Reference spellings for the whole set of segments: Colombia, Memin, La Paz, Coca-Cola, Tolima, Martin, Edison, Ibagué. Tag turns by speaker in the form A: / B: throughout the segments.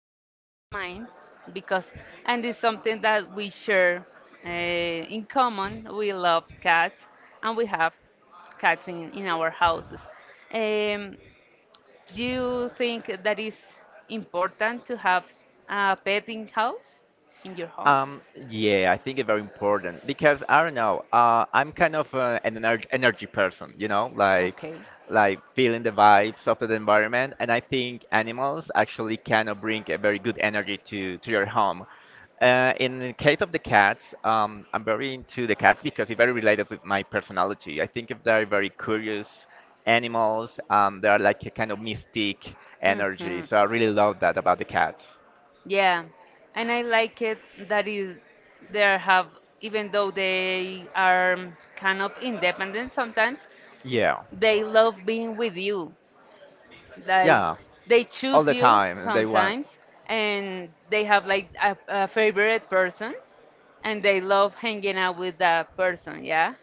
A: as well as mine because and it's something that we share in common, we love cats and we have cats in our houses. um, do you think that is important to have a pet in house, in your home?
B: Um, yeah, I think it's very important because I don't know. I'm kind of an energy person, you know,
A: Okay.
B: like feeling the vibes of the environment, and I think animals actually kind of bring a very good energy to your home. In the case of the cats, I'm very into the cats because it's very related with my personality. I think if they're very curious animals, they're like a kind of mystic
A: Hmm.
B: energy. So I really love that about the cats.
A: Yeah, and I like it that is there have even though they are kind of independent sometimes,
B: Yeah.
A: they love being with you. Like
B: Yeah,
A: they
B: all
A: choose
B: the
A: you
B: time they want.
A: sometimes, and they have like a favorite person, and they love hanging out with that person. Yeah.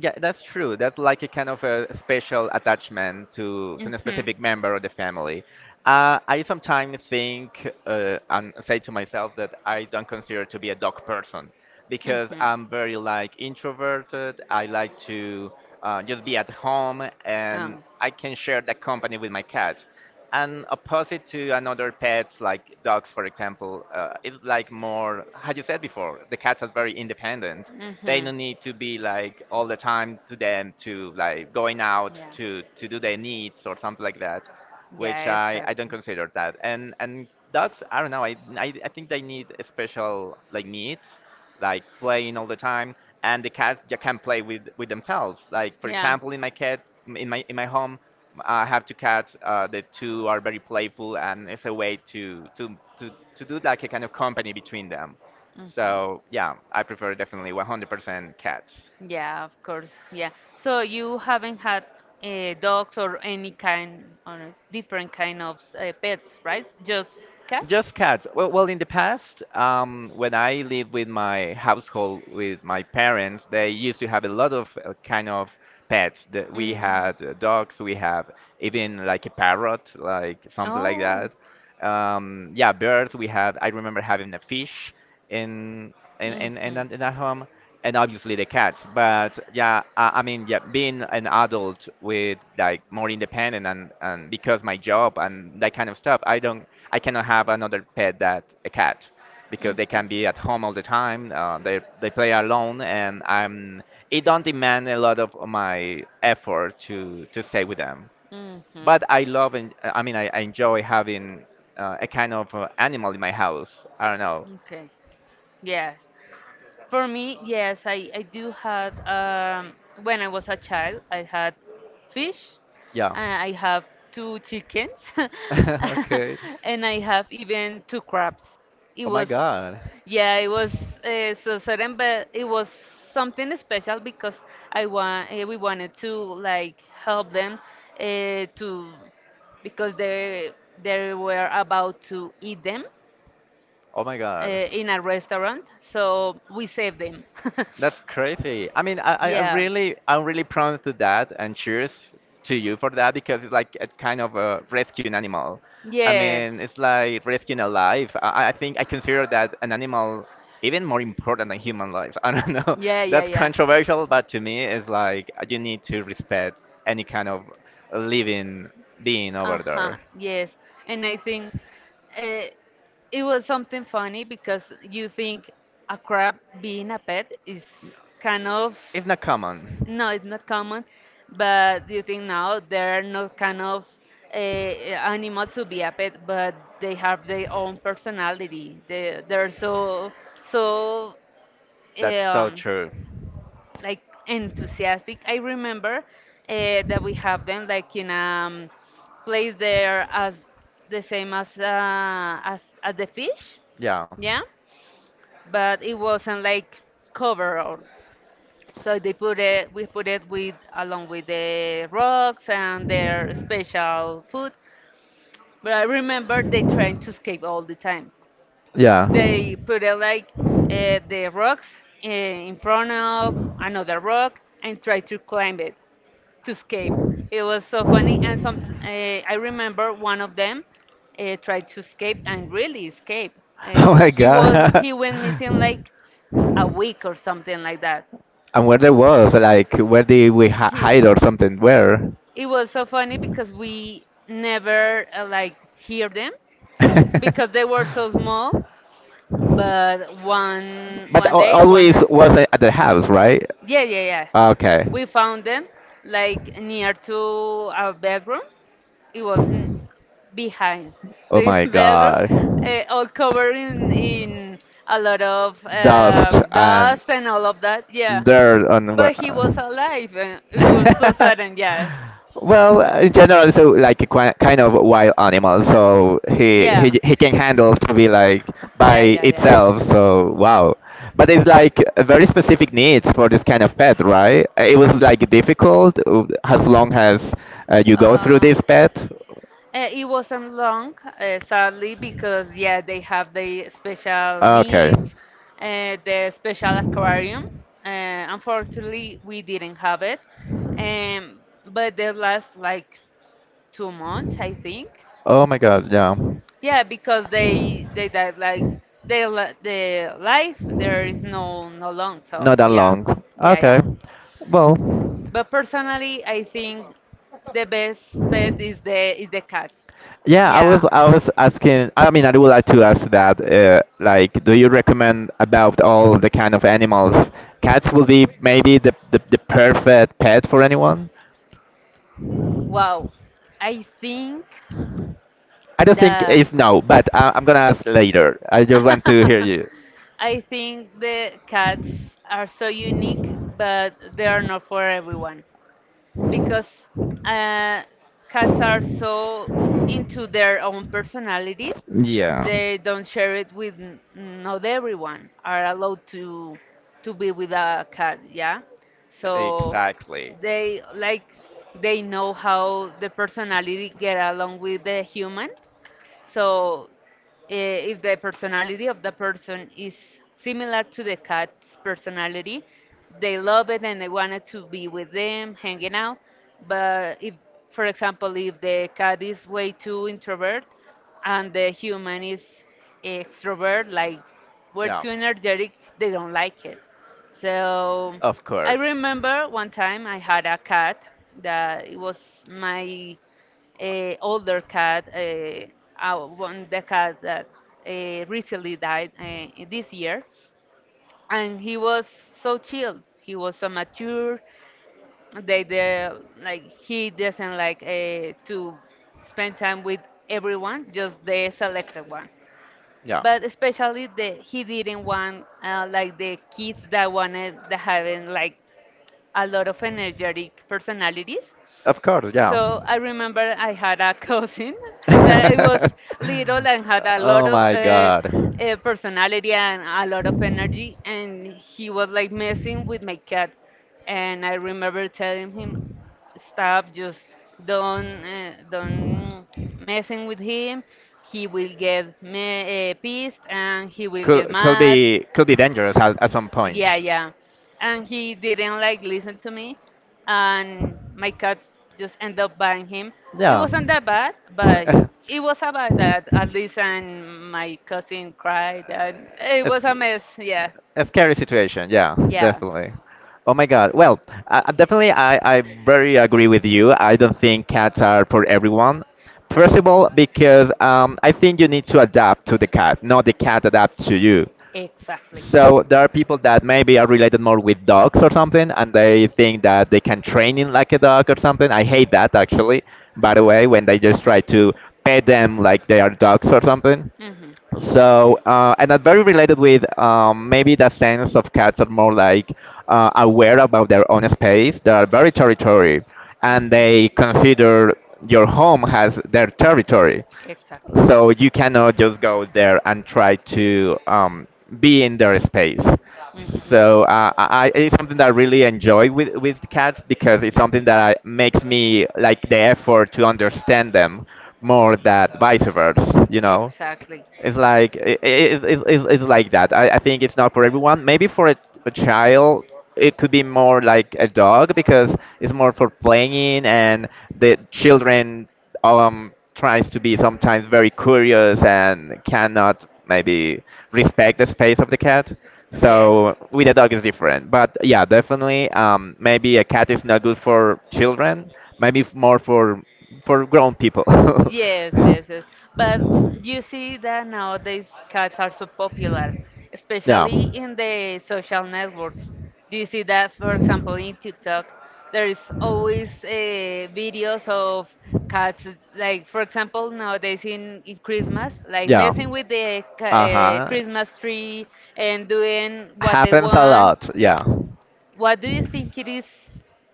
B: Yeah, that's true. That's like a kind of a special attachment to a
A: Hmm.
B: specific member of the family. I sometimes think and say to myself that I don't consider to be a dog person because I'm very like introverted. I like to just be at home, and I can share that company with my cat, and opposite to another pets like dogs, for example, is like more how you said before: the cats are very independent. They
A: Mm-hmm.
B: don't need to be like all the time to them to like going out
A: Yeah.
B: to do their needs or something like that, which
A: Yeah,
B: I don't
A: exactly.
B: consider that. And dogs, I don't know, I think they need special like needs, like playing all the time. And the cats just can play with themselves, like for
A: Yeah.
B: example in my cat, in my home, I have two cats. The two are very playful, and it's a way to do like a kind of company between them.
A: Mhm.
B: So yeah, I prefer definitely 100% cats.
A: Yeah, of course. Yeah. So you haven't had dogs or any kind or different kind of pets, right? Just cats?
B: Just cats. Well, in the past, when I lived with my household, with my parents, they used to have a lot of kind of pets. That we
A: Mm.
B: had dogs, we have even like a parrot, like something like
A: Oh.
B: that. Yeah, birds. We had. I remember having a fish in
A: Hmm. Mhm. Mhm.
B: in that home, and obviously the cats. But yeah, I mean, yeah, being an adult with like more independent and because my job and that kind of stuff, I don't, I cannot have another pet that a cat, because they can be at home all the time. They play alone, and I'm it don't demand a lot of my effort to stay with them. But I love and I mean I enjoy having a kind of animal in my house. I don't know.
A: Okay. Yes. For me, yes, I do had when I was a child, I had fish,
B: Yeah.
A: and I have two chickens,
B: okay.
A: and I have even two crabs. It
B: Oh my
A: was,
B: god.
A: yeah, it was so certain, but it was something special because I want we wanted to like help them uh, to because they were about to eat them
B: Oh my god.
A: in a restaurant, so we saved them.
B: That's crazy. I mean, I
A: Yeah.
B: really, I'm really prone to that, and cheers to you for that, because it's like a kind of rescue an animal. I
A: Yes.
B: mean, it's like rescuing a life. I think I consider that an animal even more important than human life. I don't know.
A: Yeah, yeah,
B: That's exactly
A: yeah.
B: controversial, but to me, it's like you need to respect any kind of living being over
A: Uh-huh,
B: there.
A: yes. And I think uh, it was something funny because you think a crab being a pet is kind of
B: It's not common.
A: no, it's not common, but you think now there are no kind of animal to be a pet, but they have their own personality. They're so so
B: That's so
A: um,
B: true.
A: like enthusiastic. I remember that we have them like in place there as the same as as as the fish.
B: Yeah.
A: Yeah, but it wasn't like covered. Up. So they put it, we put it with along with the rocks and their special food. But I remember they trying to escape all the time.
B: Yeah.
A: They
B: Yeah.
A: put it like the rocks in front of another rock and try to climb it to escape. It was so funny, and some I remember one of them tried to escape and really escape.
B: Oh my
A: He was
B: god.
A: he went missing like a week or something like that.
B: And where they was, like where did we
A: He,
B: hide or something? Where?
A: it was so funny because we never like hear them because they were so small. But one one day, one
B: Always
A: night,
B: was at the house, right?
A: yeah, yeah, yeah,
B: Okay.
A: we found them like near to our bedroom. It was n- Behind
B: Oh
A: the
B: my
A: bedroom,
B: god.
A: all covered in a lot of
B: Dust and
A: dust and all of that. Yeah,
B: there on where.
A: but he was alive, and it was so
B: uh,
A: sudden. Yeah,
B: Well, in general, so like a kind of wild animal, so
A: yeah.
B: he can handle to be like
A: Yeah,
B: by
A: yeah, yeah.
B: itself. So wow, but it's like a very specific needs for this kind of pet, right? It was like difficult as long as you go through
A: Uh,
B: this pet.
A: It wasn't long, sadly, because yeah, they have the special
B: Okay.
A: needs, the special aquarium. Unfortunately, we didn't have it. Um, but they last like 2 months, I think.
B: Oh my God, yeah. So
A: Yeah, because they died like they the life there is no no long. So
B: not that
A: yeah,
B: long.
A: yeah, yeah.
B: Okay. Well,
A: But personally, I think the best pet is the cat.
B: yeah,
A: Yeah.
B: I was asking. I mean, I would like to ask that. Like, do you recommend about all the kind of animals? Cats will be maybe the perfect pet for anyone.
A: Wow. I think
B: I don't think
A: the
B: it's no, but I, I'm gonna ask later. I just want to hear you.
A: I think the cats are so unique, but they are not for everyone. Because uh, cats are so into their own personality,
B: Yeah.
A: they don't share it with n- not everyone are allowed to be with a cat, yeah. So
B: Exactly.
A: they like they know how the personality get along with the human. So if the personality of the person is similar to the cat's personality, they love it and they wanted to be with them, hanging out. But if, for example, if the cat is way too introvert and the human is extrovert, like we're
B: Going
A: too energetic, they don't like it. So
B: of
A: I
B: I
A: remember one time I had a cat that it was my older cat, one the cat that recently died this year, and he was so chill. He was so mature. They like he doesn't like to spend time with everyone, just the selected one. But especially the he
B: did.
A: didn't want like the kids that wanted that having like a lot of energetic personalities.
B: Of course,
A: So I remember I had a cousin that was little and had a lot
B: oh
A: of
B: my god.
A: personality and a lot of energy, and he was like messing with my cat. And I remember telling him, "Stop! Just don't messing with him. He will pissed and he will get mad,"
B: Could be dangerous at some point.
A: yeah, yeah. And he didn't like listen to me, and my cat just ended up buying him. It
B: Yeah.
A: wasn't that bad, but it was about that at least, and my cousin cried, and it was a mess. Yeah,
B: a scary situation. Yeah, yeah,
A: yeah,
B: definitely. Oh my God. Well, I definitely, I very agree with you. I don't think cats are for everyone. First of all, because I think you need to adapt to the cat, not the cat adapt to you.
A: exactly.
B: So there are people that maybe are related more with dogs or something, and they think that they can train him like a dog or something. I hate that, actually. By the
A: Mhm.
B: way, when they just try to pet them like they are dogs or something.
A: Mhm.
B: So, and that very related with maybe the sense of cats are more like aware about their own space. They are very territory, and they
A: Mhm.
B: consider your home as their territory.
A: Exactly.
B: So you cannot just go there and try to be in their space.
A: Mhm.
B: So it's something that I really enjoy with cats, because it's something that I, makes me like the effort to understand them more than vice versa, you know?
A: Exactly.
B: It's like it's, it's like that. I think it's not for everyone. Maybe for a child, it could be more like a dog because it's more for playing, and the children tries to be sometimes very curious and cannot maybe respect the space of the cat.
A: Yes.
B: So with a dog is different. But yeah, definitely, maybe a cat is not good for children. Maybe more for grown people.
A: Yes, yes, yes. But you see that nowadays cats are so popular,
B: Yeah.
A: especially in the social networks. Do you see that, for example, in TikTok, there is always videos of cats, like, for example, nowadays in Christmas, like
B: Yeah.
A: messing with the
B: Uh-huh.
A: Christmas tree and doing what they
B: Happens a
A: want.
B: lot. Yeah.
A: What do you think it is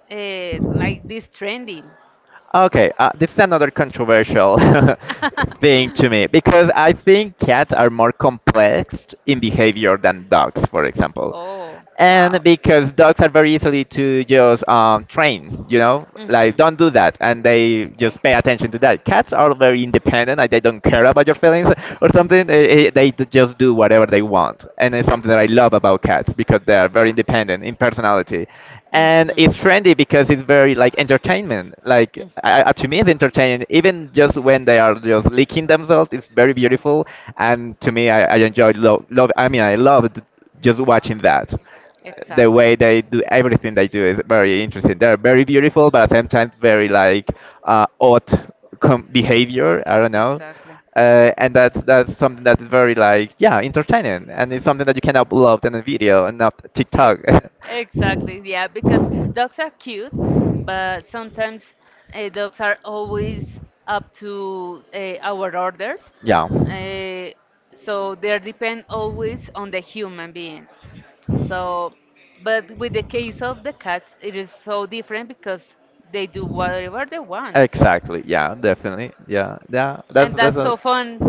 A: like this trending?
B: Okay, this is another controversial thing to me because I think cats are more complex in behavior than dogs, for example.
A: Oh,
B: And
A: wow.
B: because dogs are very easily to just train, you know, like don't do that, and they just pay attention to that. Cats are very independent, like they don't care about your feelings or something. Just do whatever they want, and it's something that I love about cats, because they are very independent in personality, and it's trendy because it's very like entertainment. Like to me, it's entertaining. Even just when they are just licking themselves, it's very beautiful. And to me, I enjoyed love. Love. I mean, I loved just watching that the way they do everything they do is very interesting. They're very beautiful, but at the same time very like odd behavior. I don't know, and that's something that's very like yeah entertaining, and it's something that you can upload in a video and not
A: Ex
B: TikTok.
A: Exactly, yeah, because dogs are cute, but sometimes dogs are always up to our orders.
B: yeah.
A: Uh, so they depend always on the human being. So, but with the case of the cats, it is so different because they do whatever they want.
B: Exactly. Yeah. Definitely. Yeah. Yeah.
A: And
B: That's
A: that's so
B: a.
A: fun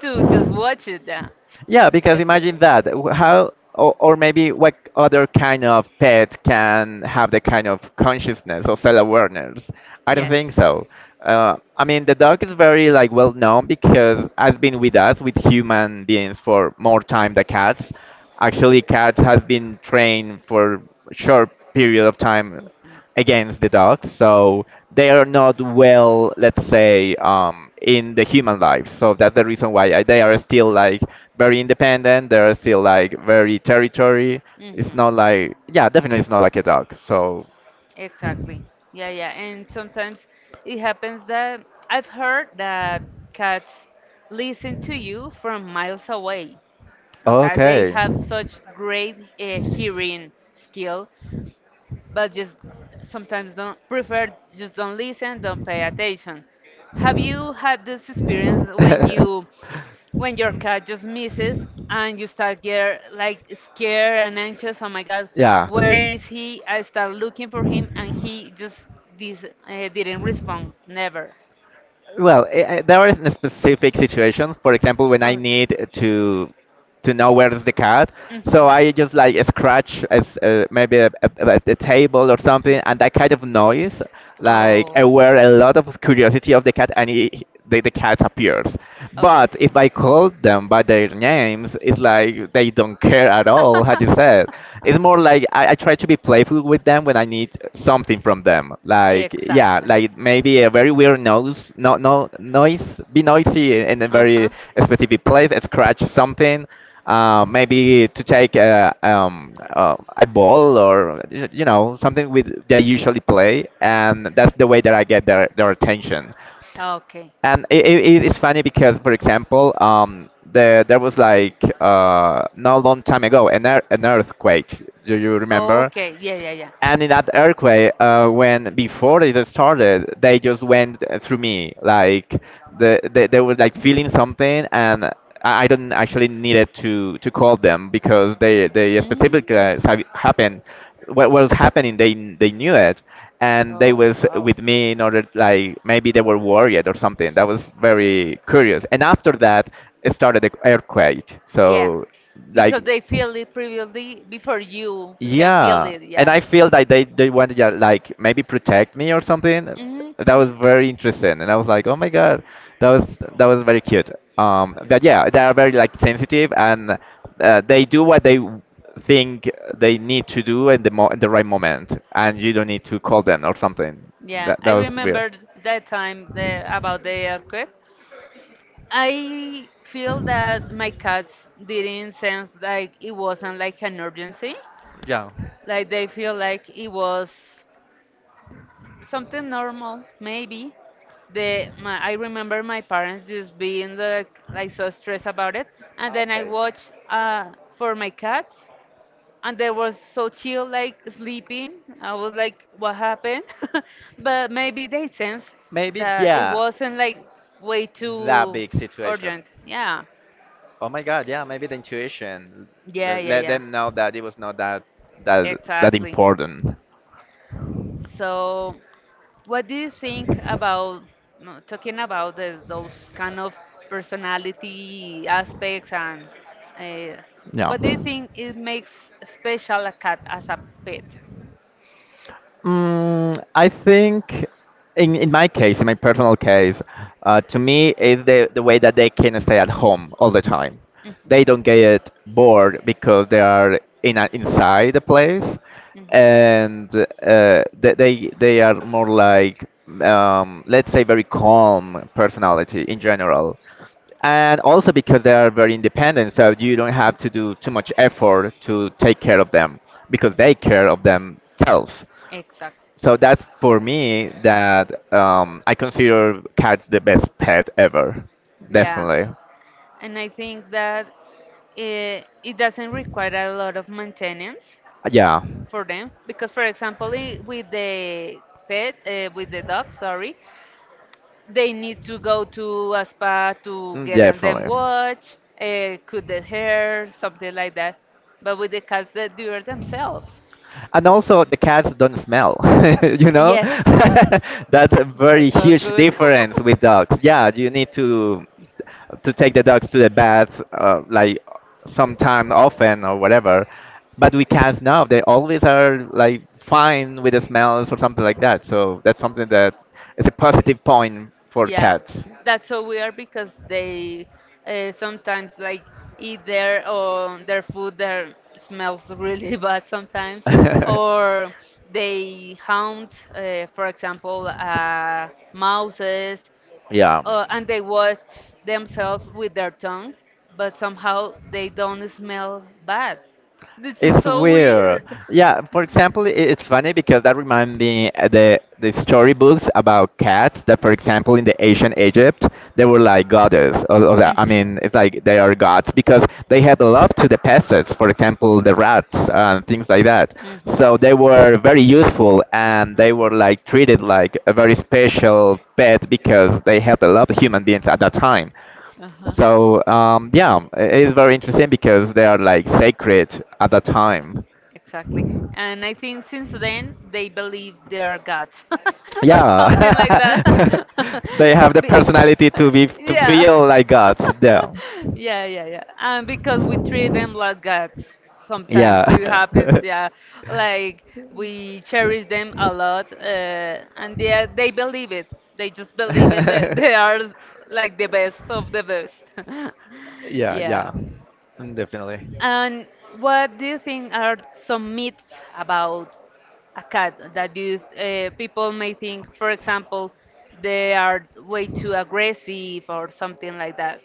A: to just watch it. Yeah.
B: Yeah, because
A: If the-
B: imagine that. How or maybe what other kind of pet can have the kind of consciousness or self-awareness? I don't
A: Yes.
B: think so. I mean, the dog is very like well known because has been with us with human beings for more time than cats. Actually, cats has been trained for short period of time
A: Mhm.
B: against the dogs, so they are not well, let's say, in the human life. So that's the reason why I, they are still like very independent. They are still like very territory. It's
A: Mhm.
B: not like yeah, definitely it's not like a dog. So
A: Exactly. Yeah, yeah. And sometimes it happens that I've heard that cats listen to you from miles away. O sea, they
B: okay.
A: have such great hearing skill, but just sometimes don't prefer, just don't listen, don't pay attention. Have you had this experience when you, when your cat just misses and you start get like scared and anxious, oh my god,
B: Yeah.
A: where is he, I start looking for him and he just this didn't respond, never.
B: Well, I, there are specific situations. For example, when I
A: Oh.
B: need to know where is the cat,
A: Mhm,
B: so I just like scratch as maybe a table or something,
A: mhm.
B: and that kind of noise like
A: Oh.
B: aware a lot of curiosity of the cat, and he, they the cat appears.
A: Oh,
B: But
A: okay.
B: if I call them by their names, it's like they don't care at all, how you said. It's more like I try to be playful with them when I need something from them. Like yeah,
A: Exactly.
B: like maybe a very weird nose, no no noise, be noisy in a
A: Uh
B: very
A: huh.
B: specific place, scratch something. Maybe to take a ball, or you know something with they usually play, and that's the way that I get their attention.
A: Okay.
B: And it's funny because, for example, there was like not a long time ago an earthquake. Do you remember?
A: Okay, yeah, yeah, yeah.
B: And in that earthquake, when before it started, they just went through me. Like they were like feeling something, and I don't actually needed to call them, because they specifically
A: Mm.
B: happened. What was happening, they knew it, and they
A: Oh,
B: was
A: wow.
B: with me in order like maybe they were worried or something. That was very curious. And after that, it started the earthquake.
A: Yeah,
B: So like.
A: because they feel it previously before you can feel
B: Yeah,
A: it,
B: and
A: yeah?
B: I feel that they wanted to like maybe protect me or something. That was very interesting, and I was like, oh my God, that was very cute.
A: Hmm.
B: But yeah, they are very like sensitive, and they do what they think they need to do in the mo in the right moment, and you don't need to call them or something.
A: Yeah,
B: That
A: I
B: that was weird.
A: remember that time the, about the earthquake. I feel that my cats didn't sense like it wasn't like an urgency.
B: Yeah.
A: Like they feel like it was something normal, maybe. The my, I remember my parents just being like so stressed about it, and then I watched for my cats. And they were so chill, like sleeping. I was like, what happened? But maybe they sensed
B: Maybe
A: that it
B: yeah,
A: wasn't like way
B: that
A: too
B: big situation.
A: urgent. Yeah,
B: Oh my God, yeah, maybe the intuition.
A: yeah, yeah,
B: Let
A: yeah,
B: them know that it was not that that
A: exactly.
B: important.
A: So, what do you think about no, talking about the, those kind of personality aspects and uh,
B: Yeah.
A: what do you think it makes special a cat as a pet?
B: Mm, I think in my case, in my personal case, to me is the way that they can stay at home all the time.
A: Mhm.
B: They don't get bored because they are in inside the place,
A: Mhm.
B: and uh, they are more like let's say very calm personality in general, and also because they are very independent, so you don't have to do too much effort to take care of them because they care of themselves.
A: Exactly.
B: So that's for me that I consider cats the best pet ever.
A: Yeah.
B: Definitely.
A: And I think that it doesn't require a lot of maintenance
B: Yeah.
A: for them because for example I- with the pet with the dog sorry they need to go to a spa to
B: Mm,
A: get on them
B: definitely.
A: watch cut the hair something like that, but with the cats they do it themselves.
B: And also, the cats don't smell, you know?
A: Yes,
B: That's a very
A: that's so
B: huge
A: good.
B: difference with dogs. Yeah, you need to take the dogs to the bath, like sometime often or whatever. But with cats now, they always are like fine with the smells or something like that. So that's something that is a positive point for
A: Yeah,
B: cats.
A: that's so weird because they sometimes like eat their or their food that smells really bad sometimes, or they hunt, for example, mouses
B: Yeah.
A: and they wash themselves with their tongue, but somehow they don't smell bad. This is
B: It's
A: so
B: weird.
A: weird.
B: Yeah, for example, it's funny because that reminds me, the storybooks about cats that, for example, in the ancient Egypt, they were like goddess. I mean, it's like they are gods because
A: Mhm.
B: they had love to the pests, for example, the rats and things like that. So they were very useful and they were
A: Mhm.
B: like treated like a very special pet because they had a lot of human beings at that time.
A: Mhm. Uh huh.
B: So yeah, it's very interesting because they are like sacred at that time.
A: Exactly. And I think since then they believe they are gods or something like that.
B: Yeah, they have the
A: Be-
B: personality
A: uh,
B: to
A: yeah.
B: feel like gods.
A: Yeah, yeah, yeah. And because we treat them like gods sometimes
B: Yeah,
A: it happens, yeah. Like we cherish them a lot and they are,
B: yeah.
A: they believe it. They just believe it that they are like the best of the best.
B: Yeah, yeah,
A: Yeah.
B: mm, definitely.
A: And what do you think are some myths about a cat that you people may think, for example, they are way too aggressive or something like that?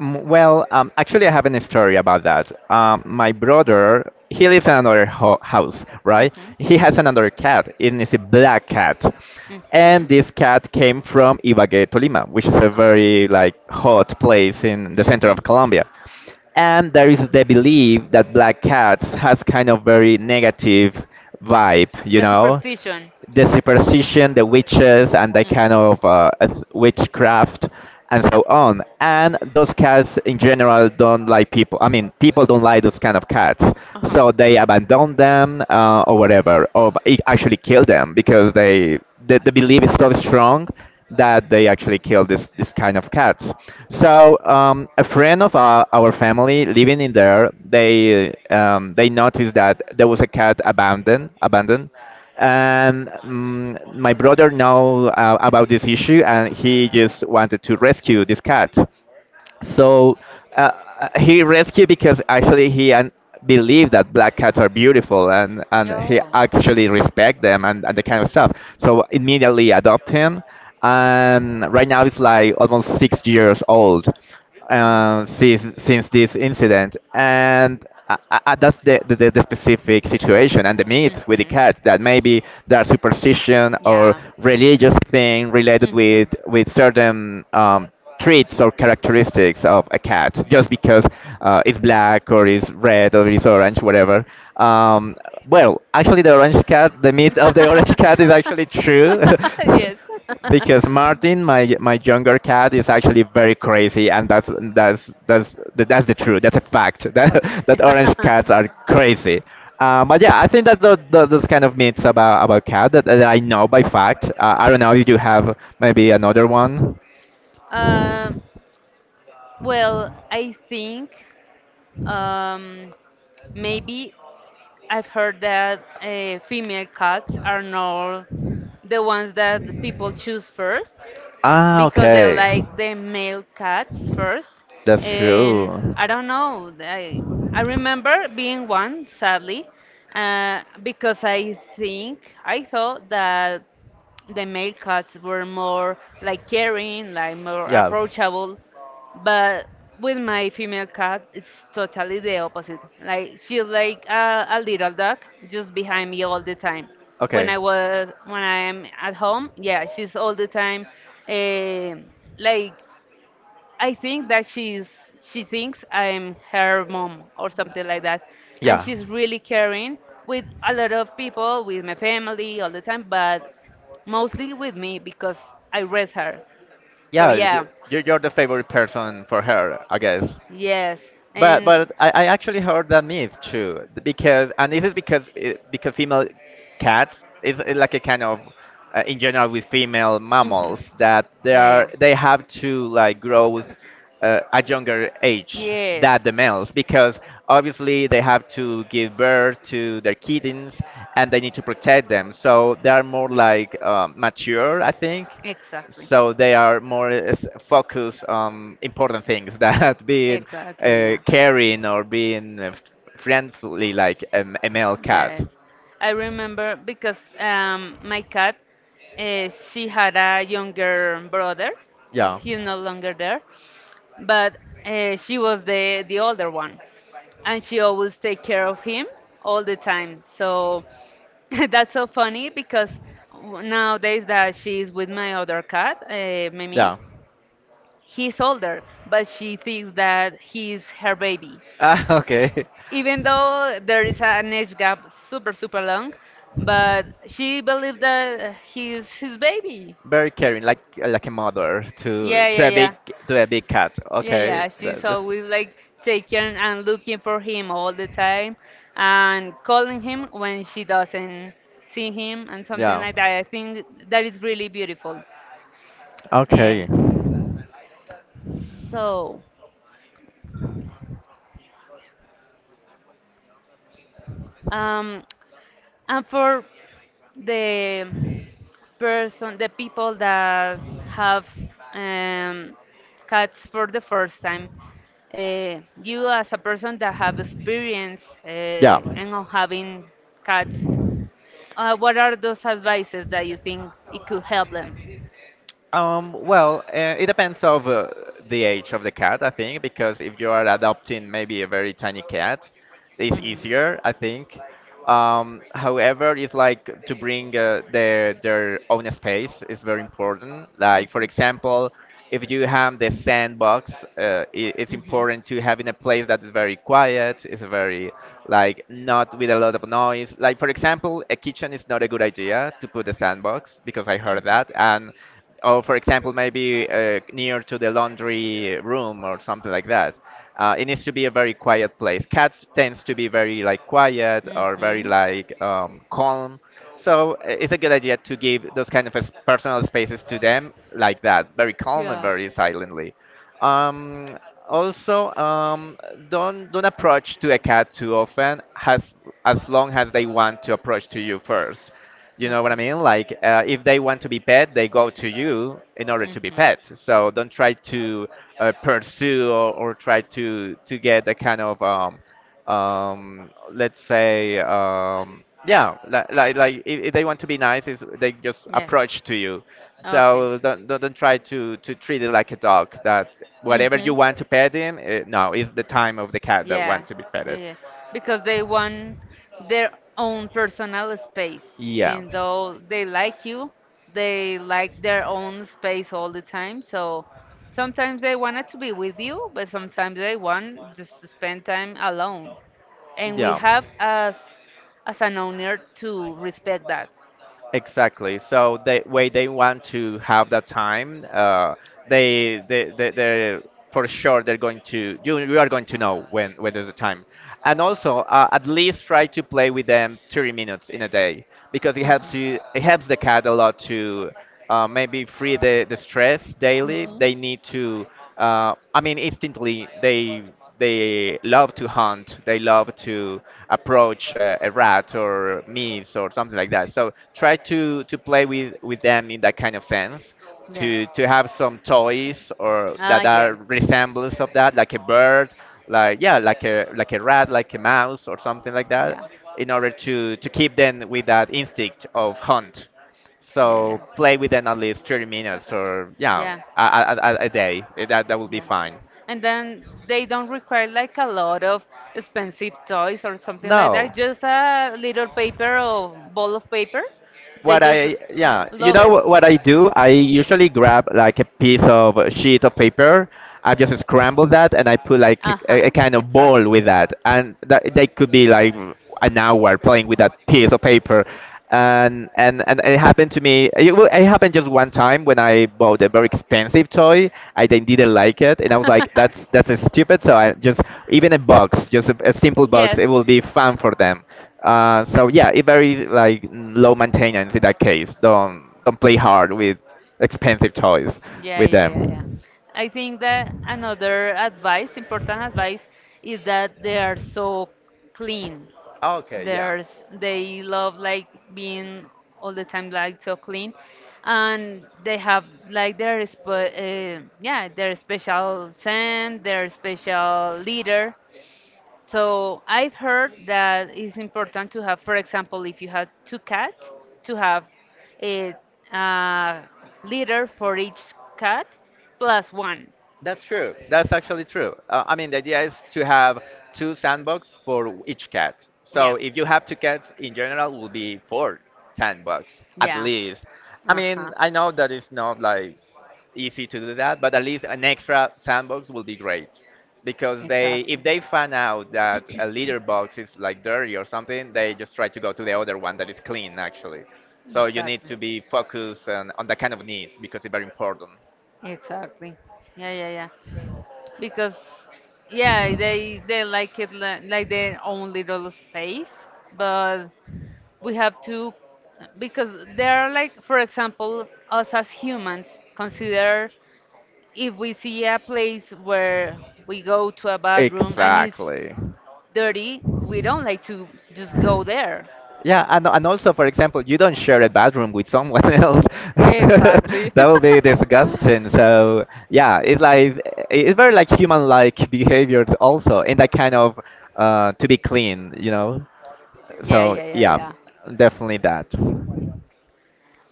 B: Well, actually, I have a story about that. My brother, he lives in another ho house, right?
A: Mhm.
B: He has another cat, and it's a black cat. And
A: Mhm.
B: this cat came from Ibagué, Tolima, which is a
A: Okay.
B: very like hot place in the center
A: Mhm.
B: of Colombia. And there is the belief that black cats has kind of very negative vibe, you
A: The
B: know,
A: superstition.
B: the superstition, the witches, and the kind
A: Mm.
B: of witchcraft and so on. And those cats in general don't like people. I mean, people don't like those kind of cats,
A: Uh huh.
B: so they abandon them, or whatever, or it actually kill them because the belief is so strong that they actually kill this kind of cats. So a friend of our family living in there, they, they noticed that there was a cat abandoned. And mm my brother know, about this issue, and he just wanted to rescue this cat. So uh, he rescued because actually he believed that black cats are beautiful, and he
A: Oh.
B: actually respect them, and the kind of stuff. So immediately adopt him. And right now it's like almost 6 years old,
A: Mm.
B: since this incident. And that's the, the specific situation and the myth with the
A: Mm-hmm.
B: cats that maybe there are superstition or
A: Yeah.
B: religious thing related with
A: Mm-hmm.
B: certain, traits or characteristics of a cat just because it's black or it's red or it's orange, whatever. Um, well, actually, the orange cat, the myth of the orange cat is actually true.
A: Yes.
B: Because Martin, my younger cat, is actually very crazy, and that's the truth. That's a fact. That orange cats are crazy. But yeah, I think those kind of myths about cat that, that I know by fact. I don't know if you have maybe another one.
A: Um, well, I think. Um, Maybe I've heard that female cats are not the ones that the people choose first
B: Ah,
A: because they
B: okay.
A: like the male cats first.
B: That's
A: And
B: true.
A: I don't know. I remember being one, sadly, because I think I thought that the male cats were more like caring, like more
B: Yeah.
A: approachable. But with my female cat, it's totally the opposite. Like she's like a little dog, just behind me all the time. When
B: Okay.
A: I was when I'm at home, yeah, she's all the time. eh, like I think that she thinks I'm her mom or something like that, and
B: Yeah.
A: she's really caring with a lot of people, with my family all the time, but mostly with me because I raise her. So
B: Yeah, you,
A: yeah.
B: you- you're the favorite person for her, I guess.
A: Yes,
B: But
A: and
B: but I actually heard that myth too, because, and this is because because female cats is, like a kind of, in general with female
A: mhm,
B: mammals, that
A: yeah, yeah.
B: they have to like grow, at younger age
A: Yes.
B: than the males, because obviously they have to give birth to their kittens and they need to protect them, so they are more like, um, mature, I think.
A: Exactly.
B: So they are more, focused on important things that being,
A: Exactly, yeah.
B: caring or being, friendly like, a male cat.
A: Yes. I remember because my cat, she had a younger brother.
B: Yeah,
A: He's no longer there. But she was the older one. And she always take care of him all the time. So that's so funny because nowadays that she's with my other cat, Memin,
B: yeah,
A: he's older, but she thinks that he's her baby.
B: ah, okay.
A: Even though there is an age gap super, super long, but she believes that he's his baby.
B: Very caring, like a mother
A: Yeah, yeah, yeah.
B: to a big cat.
A: Yeah,
B: Okay,
A: yeah. She's
B: that's
A: always like taking and looking for him all the time and calling him when she doesn't see him and something
B: yeah.
A: like that. I think that is really beautiful. Eh,
B: Okay.
A: so, um, and for the person, the people that have um, cats for the first time, you as a person that have experience
B: Yeah.
A: and on having cats, what are those advices that you think it could help them?
B: Well, it depends of, the age of the cat, I think, because if you are adopting maybe a very tiny cat, it's easier, I think. However, it's like to bring, their own space is very important. Like for example, if you have the sandbox, I it's important to have in a place that is very quiet, is very like not with a lot of noise. Like for example, a kitchen is not a good idea to put a sandbox because I heard that, and or for example maybe, near to the laundry room or something like that. Uh, it needs to be a very quiet place. Cats tends to be very like quiet or very
A: Mhm.
B: like, calm, so, it's a good idea to give those kind of personal spaces to them like that, very
A: Mhm.
B: calm and
A: Yeah.
B: very silently. Um, also, don't approach to a cat too often, as long as they want to approach to you first. You know what I
A: Okay.
B: mean? Like, if they want to be pet, they go to you in order to be pet. So don't try to, pursue, or try to get a kind of, um, let's say, um, yeah, like like if they want to be nice, is they just
A: Yes.
B: approach to you.
A: Okay.
B: So don't try to treat it like a dog, that whatever
A: Mm-hmm.
B: you want to pet him, eh, no, it's the time of the cat that
A: Yeah,
B: want to be
A: yeah,
B: petted.
A: yeah. Because they want their own personal space.
B: Yeah,
A: Even though they like you, they like their own space all the time. So sometimes they wanted to be with you, but sometimes they want just to spend time alone. And we have as
B: yeah.
A: an owner to respect that.
B: Exactly. So the way they want to have that time, they're for sure they're going to you, you are going to know when is the time, and also, at least try to play with them 30 minutes in a day, because it helps the cat a lot to, maybe free the stress daily. They need to, I mean, instantly they love to hunt. They love to approach, a rat or mice or something like that. So try to play with them in that kind of sense.
A: Yes.
B: To have some toys or
A: Ah,
B: that
A: yeah.
B: are resemblance of that, like a bird, like yeah, like a rat, like a mouse or something like
A: Yeah.
B: that, in order to keep them with that instinct of hunt.
A: Yeah, yeah.
B: So play with them at least 30 minutes, or yeah,
A: Yeah.
B: a day. Eh, that will be
A: Yeah.
B: fine.
A: And then they don't require like a lot of expensive toys or something like
B: No.
A: that. Just a little paper or ball of paper. They
B: What
A: just
B: I, yeah, you
A: love
B: know
A: it.
B: what I do? I usually grab like a piece of a sheet of paper. I just scramble that and I put like a
A: Uh-huh,
B: kind of
A: exactly.
B: ball with that, and that they could be like an hour playing with that piece of paper. And, and it happened to me. It, it happened just one time when I bought a very expensive toy. I then didn't like it, and I was like, that's stupid." So I just, even a box, just a simple
A: Yes.
B: box, it will be fun for them. So yeah, it very like, mm, low maintenance in that case. Don't play hard with expensive toys
A: Yeah,
B: with
A: yeah, yeah, yeah.
B: them.
A: I think that another advice, important advice, is that they are so clean.
B: Okay, yeah.
A: There's they love like being all the time like so clean, and they have like their yeah, their special scent, their special leader. So I've heard that it's important to have, for example, if you have two cats, to have a, uh litter for each cat plus one.
B: That's true. That's actually true. I mean, the idea is to have two sandbox for each cat. So
A: Yeah.
B: if you have two cats in general, will be four sandbox at
A: Yeah.
B: least. I
A: Uh huh.
B: mean, I know that it's not like easy to do that, but at least an extra sandbox will be great, because they,
A: Exactly.
B: if they find out that a litter box is like dirty or something, they just try to go to the other one that is clean actually. So you need
A: Exactly.
B: to be focused on the kind of needs because it's very important.
A: Exactly. Yeah. Because yeah, they like their own little space, but we have to, because there are, like for example, us as humans consider, if we see a place where we go to a bathroom and it's
B: Exactly.
A: dirty, we don't like to just go there.
B: Yeah, and also, for example, you don't share a bathroom with someone else.
A: Exactly.
B: That will be disgusting. So yeah, it's like it's very like human-like behaviors also in that kind of to be clean, you know.
A: yeah
B: So
A: yeah yeah
B: yeah,
A: yeah
B: definitely that.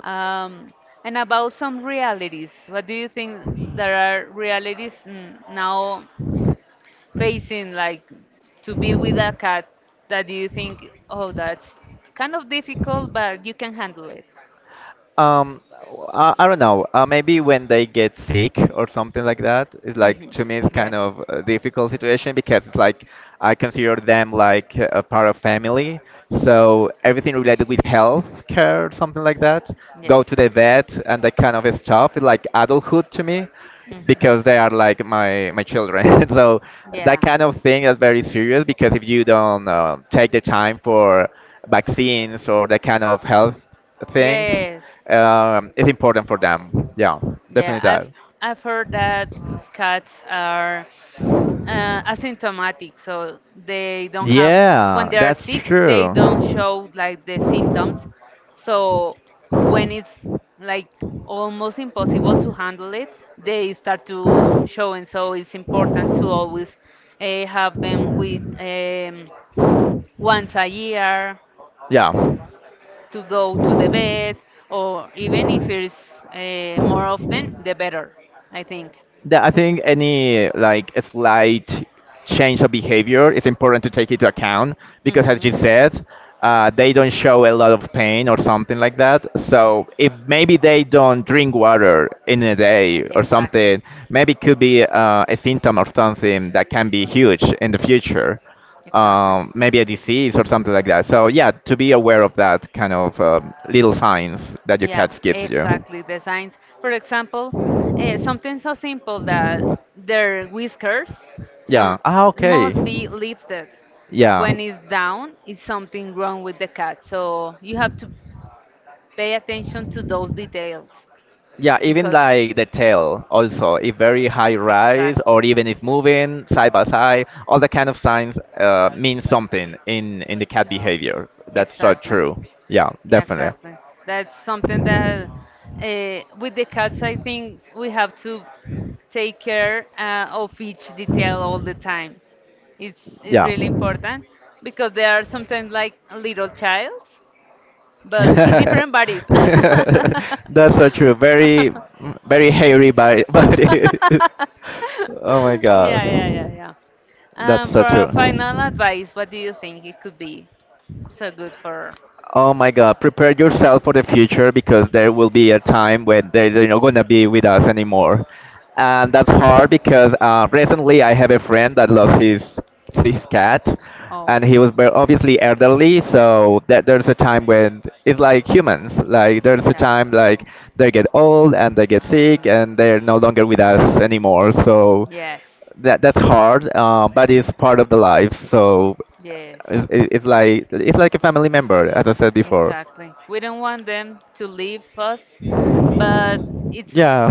A: Um, and about some realities, what do you think there are realities now facing, like to be with a cat that you think, oh, that's kind of difficult, but you can handle it?
B: Um, I don't know. Maybe when they get sick or something like that, it's
A: Hmm.
B: like to me it's kind
A: Yes.
B: of a difficult situation because it's like I consider them like a part of family. So everything related with health care or something like that,
A: Yes.
B: go to the vet and that kind of stuff. It's like adulthood to me
A: Hmm.
B: because they are like my children. So that
A: Yeah.
B: kind of thing is very serious because if you don't take the time for vaccines or that kind of health things,
A: Yes.
B: it's important for them. Yeah,
A: Yeah,
B: definitely that.
A: I've heard that cats are asymptomatic, so they don't have, when
B: Yeah,
A: they are
B: that's
A: sick, they don't
B: true.
A: show like the symptoms. So when it's like almost impossible to handle it, they start to show, and so it's important to always have them with once a year
B: Yeah.
A: to go to the bed, or even if it's more often, the better, I think.
B: That I think any like a slight change of behavior is important to take into account because, as
A: Hmm.
B: you said, they don't show a lot of pain or something like that. So if maybe they don't drink water in a day or
A: Exactly,
B: something, maybe it could be a symptom or something that can be huge in the future.
A: exactly.
B: Maybe a disease or something like that. So yeah, to be aware of that kind of little signs that your
A: Yeah,
B: cat gives you.
A: exactly. The signs, for example, something so simple that their whiskers, so,
B: Yeah. Ah, okay.
A: must be lifted.
B: Yeah.
A: When it's down, is something wrong with the cat. So you have to pay attention to those details
B: Yeah, even
A: because
B: like the tail also, if very high rise
A: exactly.
B: or even if moving side by side, all the kind of signs mean something in the cat behavior. That's so
A: Exactly.
B: true. Yeah,
A: Yeah,
B: definitely.
A: exactly. That's something that with the cats, I think we have to take care of each detail all the time. It's
B: Yeah.
A: really important because they are sometimes like little childs, but in
B: That's
A: different bodies. Yeah,
B: so true. Very, very hairy body. Body. Oh my
A: yeah, yeah,
B: god.
A: yeah.
B: That's so
A: For a
B: true.
A: final advice, what do you think it could be so good for
B: Oh my God, prepare yourself for the future because there will be a time when they're not going to be with us anymore. And that's hard because recently I have a friend that lost his cat
A: all?
B: and he was obviously elderly. So that there's a time when it's like humans, like there's a
A: Yeah.
B: time like they get old and they get sick
A: Hmm.
B: and they're no longer with us anymore. So
A: Yes,
B: that's hard, but it's part of the life. So
A: yes.
B: it's like a family member, as I said before.
A: Exactly. We don't want them to leave us, but it's
B: Yeah,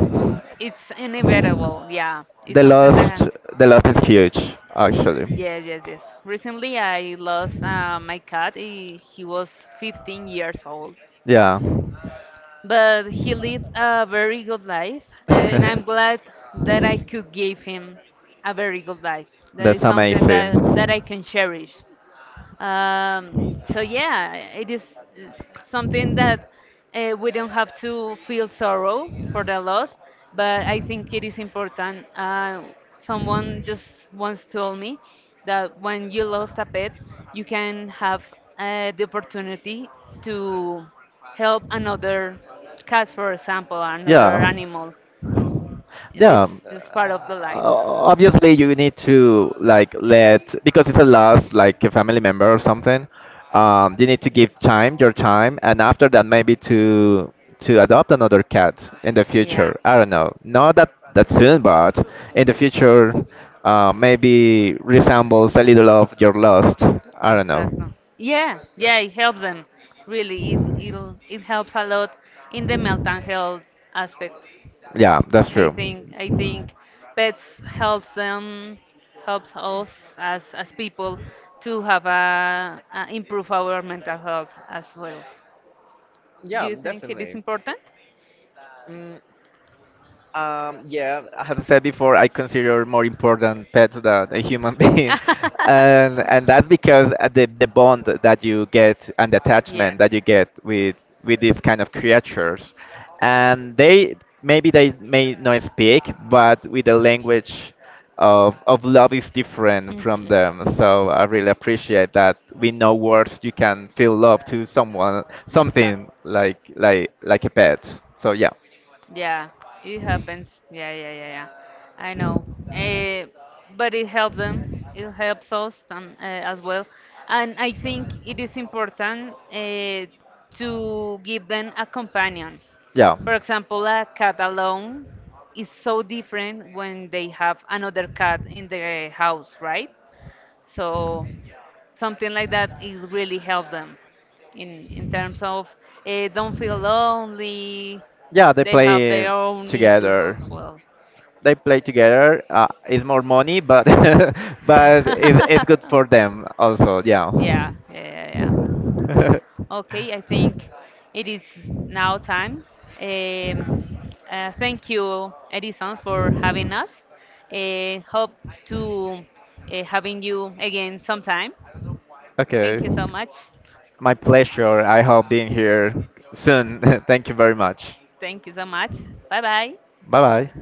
A: it's inevitable. Yeah, it's
B: the
A: something
B: loss
A: that.
B: the loss is huge, actually.
A: Yes. Recently, I lost my cat. He was 15 years old,
B: Yeah.
A: but he lived a very good life, and I'm glad that I could give him a very good life. That
B: That's
A: is something
B: amazing.
A: that I can cherish. Um, so yeah, it is uh, something that we don't have to feel sorrow for the loss, but I think it is important. Someone just once told me that when you lost a pet, you can have the opportunity to help another cat, for example, or another
B: Yeah.
A: animal. This
B: Yeah,
A: is part of the life.
B: obviously you need to like let because it's a loss, like a family member or something. You need to give time, your time, and after that maybe to adopt another cat in the
A: Yeah.
B: future. I don't know, not that soon, but in the future, maybe resembles a little of your lost. I don't know.
A: Exactly. Yeah, yeah, it helps them. Really, it helps a lot in the mental health aspect.
B: Yeah, that's true.
A: I think pets helps them, helps us as people to have a improve our mental health as well. Do
B: Yeah,
A: you think it is
B: definitely.
A: important?
B: Mm. Yeah, as I said before, I consider more important pets than a human being, and that's because the bond that you get and the attachment that you get with these kind of creatures, and they maybe they may not speak, but with the language of love is different from them. So I really appreciate that we know words you can feel love to someone,
A: Exactly.
B: something like like a pet. So yeah.
A: Yeah, it happens. Yeah. I know. Uh, but it helps them. It helps us as well. And I think it is important to give them a companion.
B: Yeah.
A: For example, a cat alone is so different when they have another cat in the house, right? So something like that, it really helped them in terms of don't feel lonely,
B: Yeah,
A: they have their own issues
B: together.
A: as well.
B: they play together. It's more money, but but it's good for
A: yeah
B: them also. Yeah.
A: yeah Okay, I think it is now time. um, thank you, Edison, for having us. Hope to having you again sometime.
B: Okay.
A: Thank you so much.
B: My pleasure. I hope being here soon. Thank you very much.
A: Thank you so much. Bye bye.
B: Bye bye.